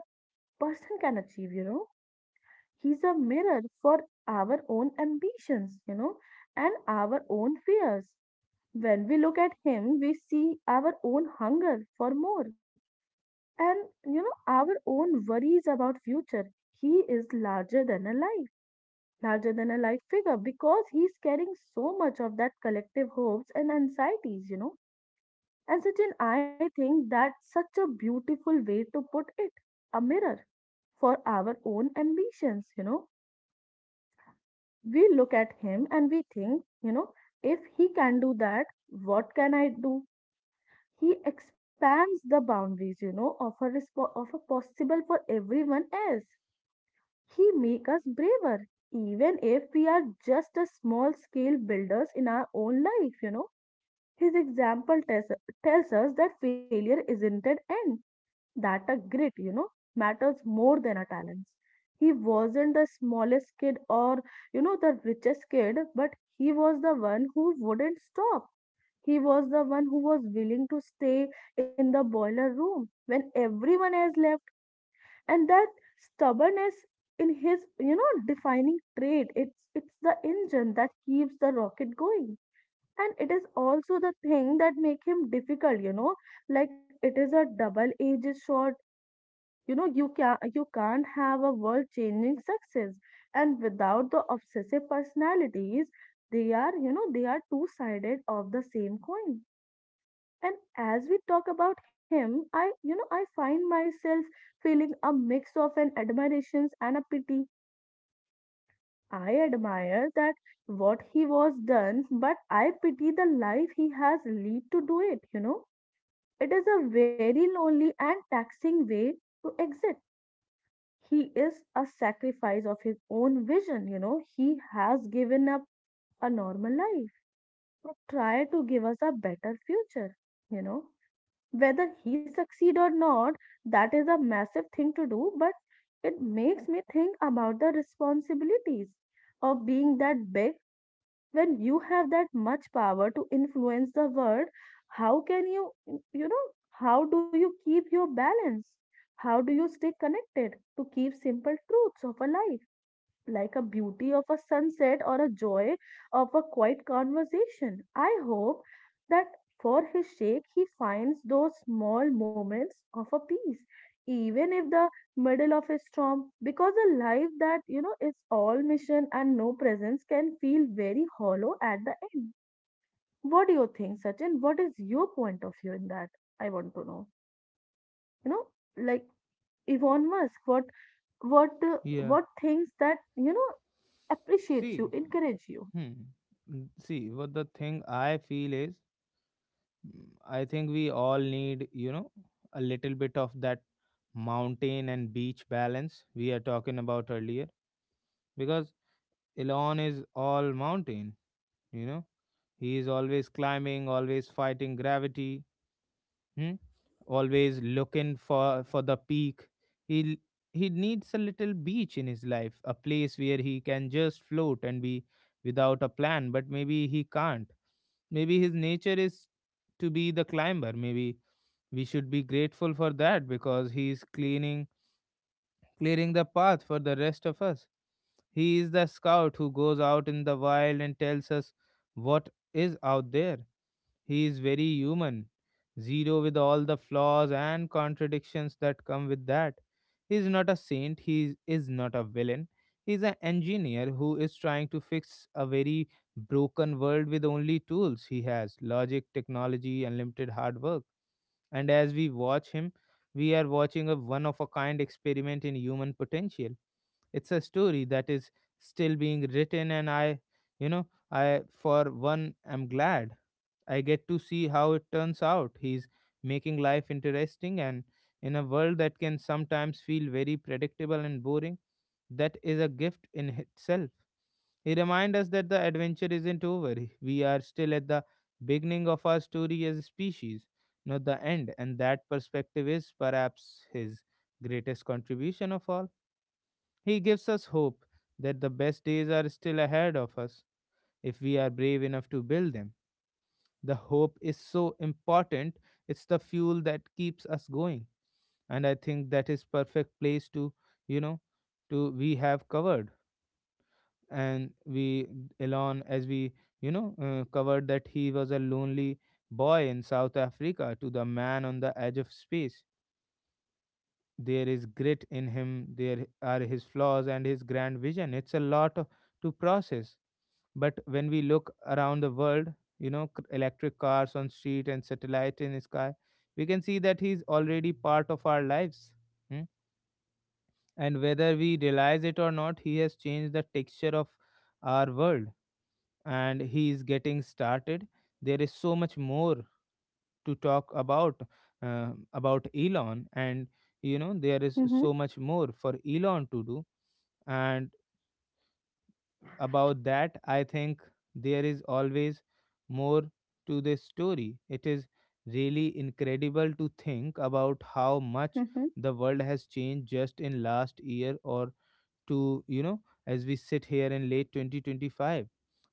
S2: person can achieve, you know. He's a mirror for our own ambitions, you know, and our own fears. When we look at him, we see our own hunger for more and you know our own worries about future. He is larger than a life larger than a life figure because he's carrying so much of that collective hopes and anxieties you know And such. Sachin, I think that's such a beautiful way to put it, a mirror for our own ambitions. You know, we look at him and we think, you know, if he can do that, what can I do? He expands the boundaries, you know, of a, resp- of a possible for everyone else. He make us braver, even if we are just a small scale builders in our own life, you know. His example tells, tells us that failure isn't an end, that a grit, you know, matters more than a talents. He wasn't the smallest kid or, you know, the richest kid, but he was the one who wouldn't stop. He was the one who was willing to stay in the boiler room when everyone else left. And that stubbornness in his you know defining trait it's it's the engine that keeps the rocket going. And it is also the thing that make him difficult you know like it is a double edged sword you know you can you can't have a world changing success and without the obsessive personalities. They are you know they are two sided of the same coin. And as we talk about him I you know I find myself feeling a mix of an admirations and a pity. I admire that what he was done, but I pity the life he has lead to do it you know It is a very lonely and taxing way to exit. He is a sacrifice of his own vision you know he has given up a normal life to try to give us a better future you know Whether he succeed or not, that is a massive thing to do, but it makes me think about the responsibilities of being that big when you have that much power to influence the world. How can you, you know, how do you keep your balance? How do you stay connected to keep simple truths of a life, like a beauty of a sunset or a joy of a quiet conversation. I hope that for his sake he finds those small moments of a peace, even if the middle of a storm, because a life that you know is all mission and no presence can feel very hollow at the end. What do you think, Sachin? What is your point of view in that? I want to know. You know, like Elon Musk, what what uh,
S1: Yeah.
S2: what things that you know appreciates you,
S1: See,
S2: encourages you.
S1: hmm. n- See, what the thing I feel is, mm, I think we all need, you know, a little bit of that mountain and beach balance we are talking about earlier because Elon is all mountain, you know? He is always climbing, always fighting gravity, hmm? Always looking for for the peak. He he needs a little beach in his life, a place where he can just float and be without a plan. But maybe he can't. Maybe his nature is to be the climber. Maybe we should be grateful for that because he is cleaning clearing the path for the rest of us. He is the scout who goes out in the wild and tells us what is out there. He is very human, zero with all the flaws and contradictions that come with that. He is not a saint, he is is not a villain. He is an engineer who is trying to fix a very broken world with only tools he has logic, technology, and limited hard work. And as we watch him, we are watching a one of a kind experiment in human potential. It's a story that is still being written, and I, you know I, for one, am glad I get to see how it turns out. He's making life interesting and in a world that can sometimes feel very predictable and boring, that is a gift in itself. He reminds us that the adventure isn't over. We are still at the beginning of our story as a species, not the end. And that perspective is perhaps his greatest contribution of all. He gives us hope that the best days are still ahead of us if we are brave enough to build them. The hope is so important, it's the fuel that keeps us going. And I think that is perfect place to, you know, to we have covered. And we, Elon, as we, you know, uh, covered that he was a lonely boy in South Africa to the man on the edge of space. There is grit in him, there are his flaws and his grand vision. It's a lot of, to process. But when we look around the world, you know, c- electric cars on street and satellite in sky, we can see that he's already part of our lives. Hmm? And whether we realize it or not, he has changed the texture of our world, and he is getting started. There is so much more to talk about uh, about Elon, and you know there is
S2: Mm-hmm.
S1: so much more for Elon to do. And about that, I think there is always more to this story. It is really incredible to think about how much
S2: Mm-hmm.
S1: the world has changed just in last year or two, you know, as we sit here in late twenty twenty-five.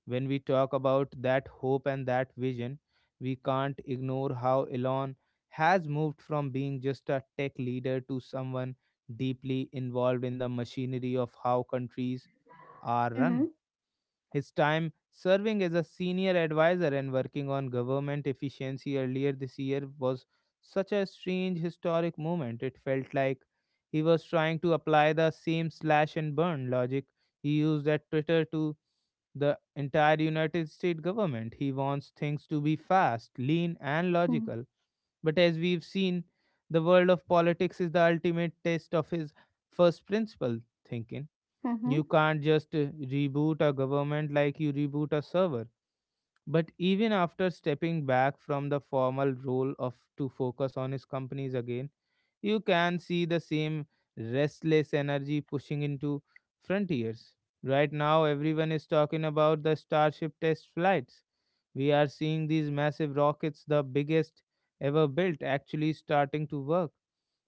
S1: When we talk about that hope and that vision, we can't ignore how Elon has moved from being just a tech leader to someone deeply involved in the machinery of how countries are
S2: Mm-hmm.
S1: run. His time serving as a senior advisor and working on government efficiency earlier this year was such a strange historic moment. It felt like he was trying to apply the same slash and burn logic he used at Twitter to the entire United States government. He wants things to be fast, lean, and
S2: Mm-hmm.
S1: logical. But as we've seen, the world of politics is the ultimate test of his first principle thinking.
S2: Mm-hmm.
S1: You can't just uh, reboot a government like you reboot a server. But even after stepping back from the formal role of to focus on his companies again, you can see the same restless energy pushing into frontiers. Right now, everyone is talking about the Starship test flights. We are seeing these massive rockets, the biggest ever built, actually starting to work.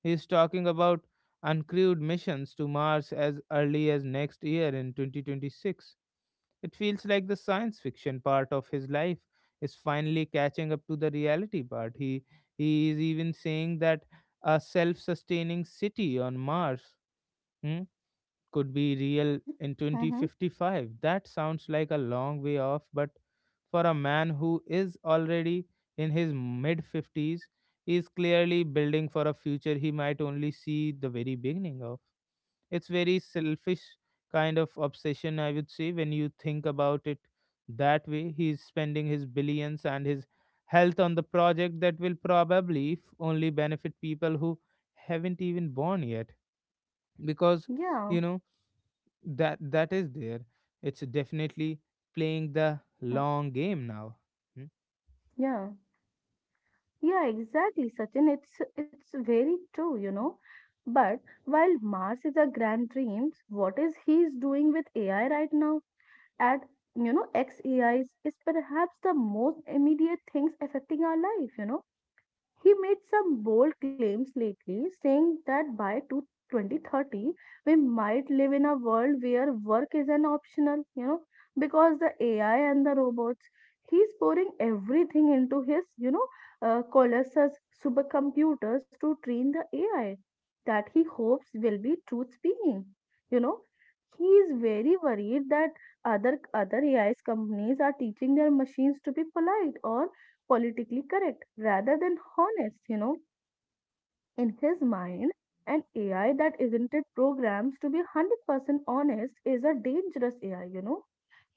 S1: He is talking about uncrewed missions to Mars as early as next year in twenty twenty-six. It feels like the science fiction part of his life is finally catching up to the reality part. He he is even saying that a self-sustaining city on Mars. Hmm? Could be real in
S2: Mm-hmm.
S1: twenty fifty-five. That sounds like a long way off, but for a man who is already in his mid fifties, is clearly building for a future he might only see the very beginning of. It's very selfish kind of obsession, I would say, when you think about it that way. He's spending his billions and his health on the project that will probably f- only benefit people who haven't even born yet because
S2: Yeah.
S1: you know that that is there, it's definitely playing the
S2: Mm.
S1: long game now. Hmm?
S2: Yeah. Yeah, exactly, Sachin. It's it's very true, you know. But while Mars is a grand dreams, what is he's doing with A I right now? At you know, X A I is is perhaps the most immediate things affecting our life, you know. He made some bold claims lately, saying that by two- twenty thirty, we might live in a world where work is an optional, you know, because the A I and the robots. He's pouring everything into his, you know, uh, Colossus supercomputers to train the A I that he hopes will be truth speaking. You know, he is very worried that other other A I's companies are teaching their machines to be polite or politically correct rather than honest, you know, in his mind. An A I that isn't it programs to be one hundred percent honest is a dangerous A I, you know.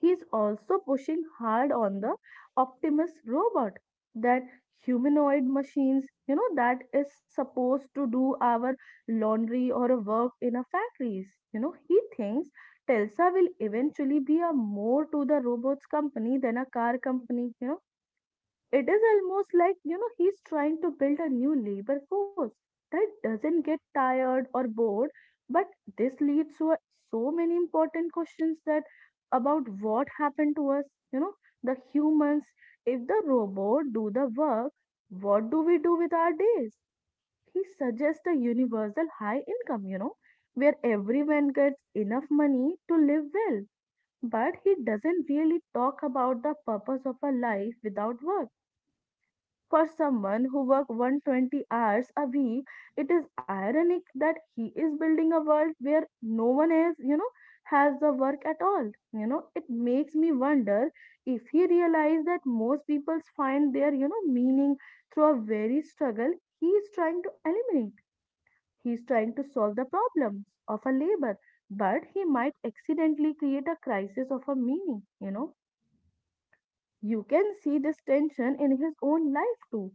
S2: He's also pushing hard on the Optimus robot, that humanoid machines, you know, that is supposed to do our laundry or a work in a factories. You know, he thinks Telsa will eventually be a more to the robots company than a car company. You know, it is almost like, you know, he's trying to build a new labor force that doesn't get tired or bored. But this leads to a- so many important questions that about what happened to us, you know, the humans. If the robot do the work, what do we do with our days? He suggests a universal high income, you know, where everyone gets enough money to live well. But he doesn't really talk about the purpose of a life without work for someone who worked one hundred twenty hours a week. It is ironic that he is building a world where no one else, you know, has the work at all. You know, it makes me wonder if he realized that most people find their, you know, meaning through a very struggle he is trying to eliminate. He is trying to solve the problems of a labor, but he might accidentally create a crisis of a meaning, you know. You can see this tension in his own life too.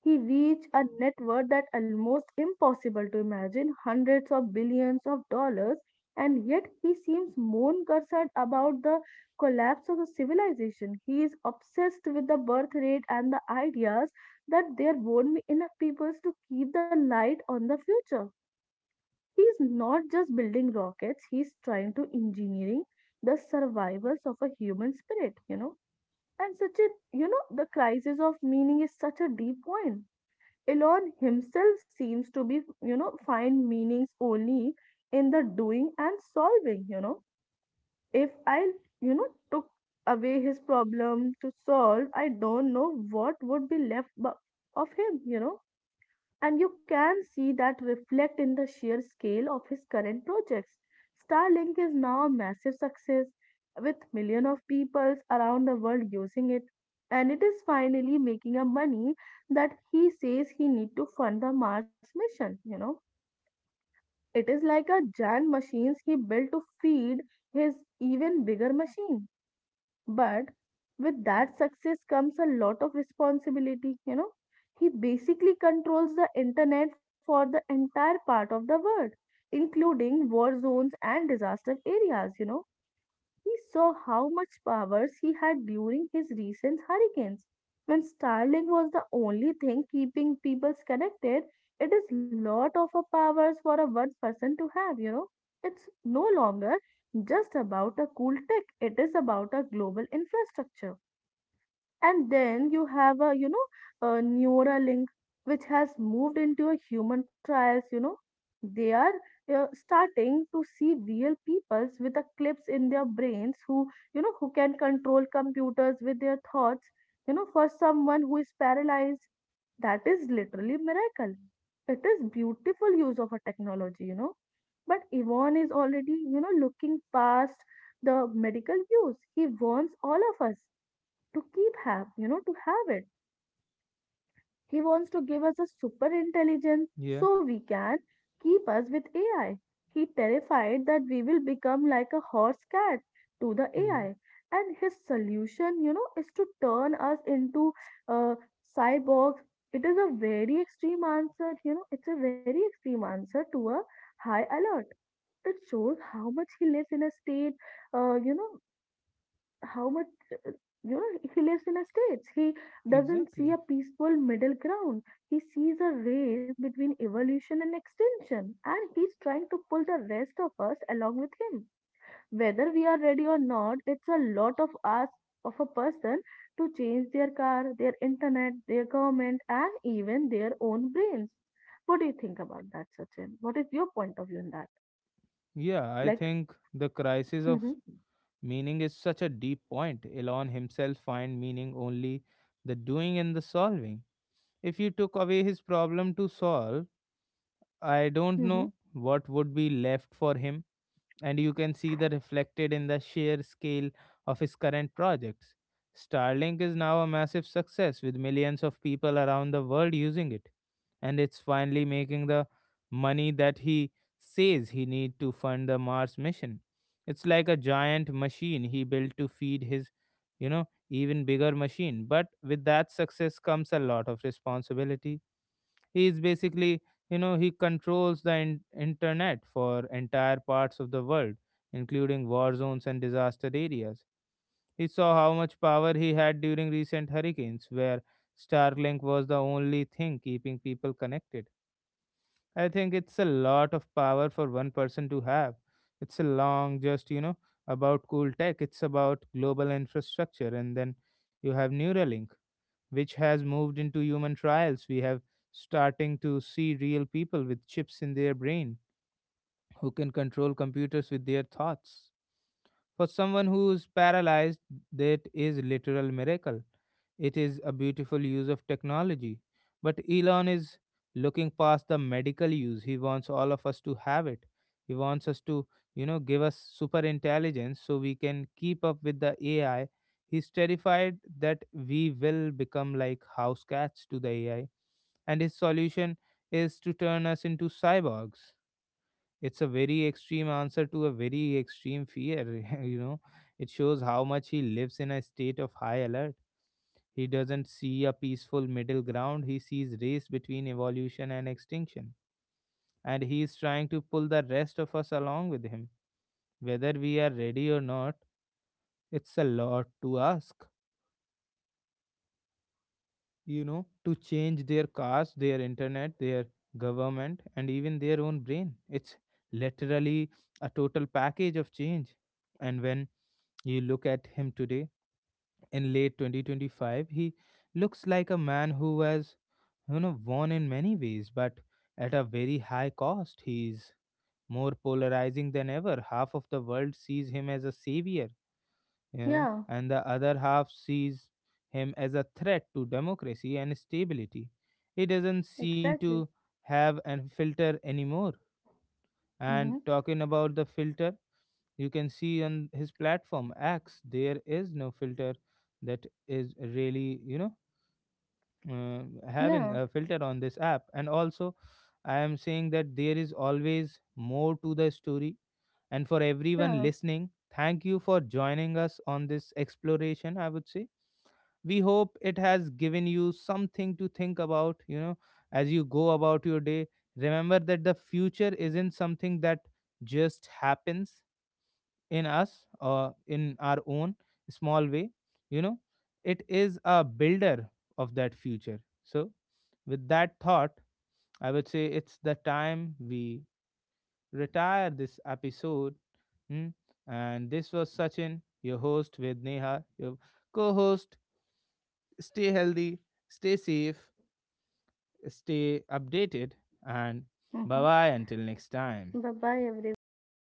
S2: He reached a net worth that almost impossible to imagine hundreds of billions of dollars, and yet he seems more concerned about the collapse of the civilization. He is obsessed with the birth rate and the ideas that there won't be enough peoples to keep the light on the future. He is not just building rockets, he is trying to engineering the survivals of a human spirit, you know. And such a, you know, the crisis of meaning is such a deep point. Elon himself seems to be, you know, find meanings only in the doing and solving, you know. If I, you know, took away his problem to solve, I don't know what would be left bu- of him, you know. And you can see that reflect in the sheer scale of his current projects. Starlink is now a massive success with millions of people around the world using it. And it is finally making a money that he says he need to fund the Mars mission, you know. It is like a giant machines he built to feed his even bigger machine. But with that success comes a lot of responsibility, you know. He basically controls the internet for the entire part of the world, including war zones and disaster areas, you know. He saw how much powers he had during his recent hurricanes. When Starlink was the only thing keeping people connected, it is lot of a powers for a one person to have, you know. It's no longer just about a cool tech, it is about a global infrastructure. And then you have a you know a neuralink which has moved into a human trials you know They are uh, starting to see real peoples with a clips in their brains who you know who can control computers with their thoughts you know for someone who is paralyzed, that is literally miracle. It is beautiful use of a technology you know but yvonne is already you know looking past the medical use. He warns all of us to keep have you know to have it. He wants to give us a super intelligence
S1: Yeah.
S2: so we can keep us with A I. He terrified that we will become like a horse cat to the
S1: Hmm.
S2: A I. And his solution you know is to turn us into uh, cyborgs. It is a very extreme answer you know it's a very extreme answer to a high alert. It shows how much he lives in a state, uh, you know how much, uh, you know he lives in a states. He doesn't see a
S1: Exactly.
S2: peaceful middle ground. He sees a race between evolution and extinction, and he's trying to pull the rest of us along with him whether we are ready or not. It's a lot of us of a person to change their car, their internet, their government, and even their own brains. What do you think about that, Sachin? What is your point of view in that?
S1: Yeah, I
S2: Like,
S1: think the crisis of
S2: mm-hmm,
S1: meaning is such a deep point. Elon himself find meaning only the doing and the solving. If you took away his problem to solve, I don't know
S2: mm-hmm,
S1: what would be left for him. And you can see the reflected in the sheer scale of his current projects. Starlink is now a massive success with millions of people around the world using it, and it's finally making the money that he says he needs to fund the Mars mission. It's like a giant machine he built to feed his, you know, even bigger machine. But with that success comes a lot of responsibility. He's basically, you know, he controls the in- internet for entire parts of the world, including war zones and disaster areas. He saw how much power he had during recent hurricanes, where Starlink was the only thing keeping people connected. I think it's a lot of power for one person to have. It's a long, just, you know, about cool tech. It's about global infrastructure. And then you have Neuralink, which has moved into human trials. We have starting to see real people with chips in their brain who can control computers with their thoughts. For someone who is paralyzed, that is literal miracle. It is a beautiful use of technology. But Elon is looking past the medical use. He wants all of us to have it. He wants us to, you know, give us super intelligence so we can keep up with the A I. He's terrified that we will become like house cats to the A I. And his solution is to turn us into cyborgs. It's a very extreme answer to a very extreme fear. You know, it shows how much he lives in a state of high alert. He doesn't see a peaceful middle ground. He sees race between evolution and extinction. And he is trying to pull the rest of us along with him. Whether we are ready or not, it's a lot to ask, you know, to change their cars, their internet, their government, and even their own brain. It's literally a total package of change. And when you look at him today in late twenty twenty-five, he looks like a man who has, you know, won in many ways, but at a very high cost. He's more polarizing than ever. Half of the world sees him as a savior, you know,
S2: yeah,
S1: and the other half sees him as a threat to democracy and stability. He doesn't seem to
S2: exactly.
S1: have a filter anymore. And
S2: Mm-hmm.
S1: talking about the filter, you can see on his platform X, there is no filter that is really, you know, uh, having
S2: Yeah.
S1: a filter on this app. And also, I am saying that there is always more to the story. And for everyone
S2: Yeah.
S1: listening, thank you for joining us on this exploration, I would say. We hope it has given you something to think about, you know, as you go about your day. Remember that the future isn't something that just happens, in us or in our own small way, you know, it is a builder of that future. So with that thought, I would say it's the time we retire this episode. Hmm? And this was Sachin, your host, with Neha, your co-host. Stay healthy, stay safe, stay updated, and
S2: Hmm.
S1: bye bye until next time.
S2: Bye bye, everyone.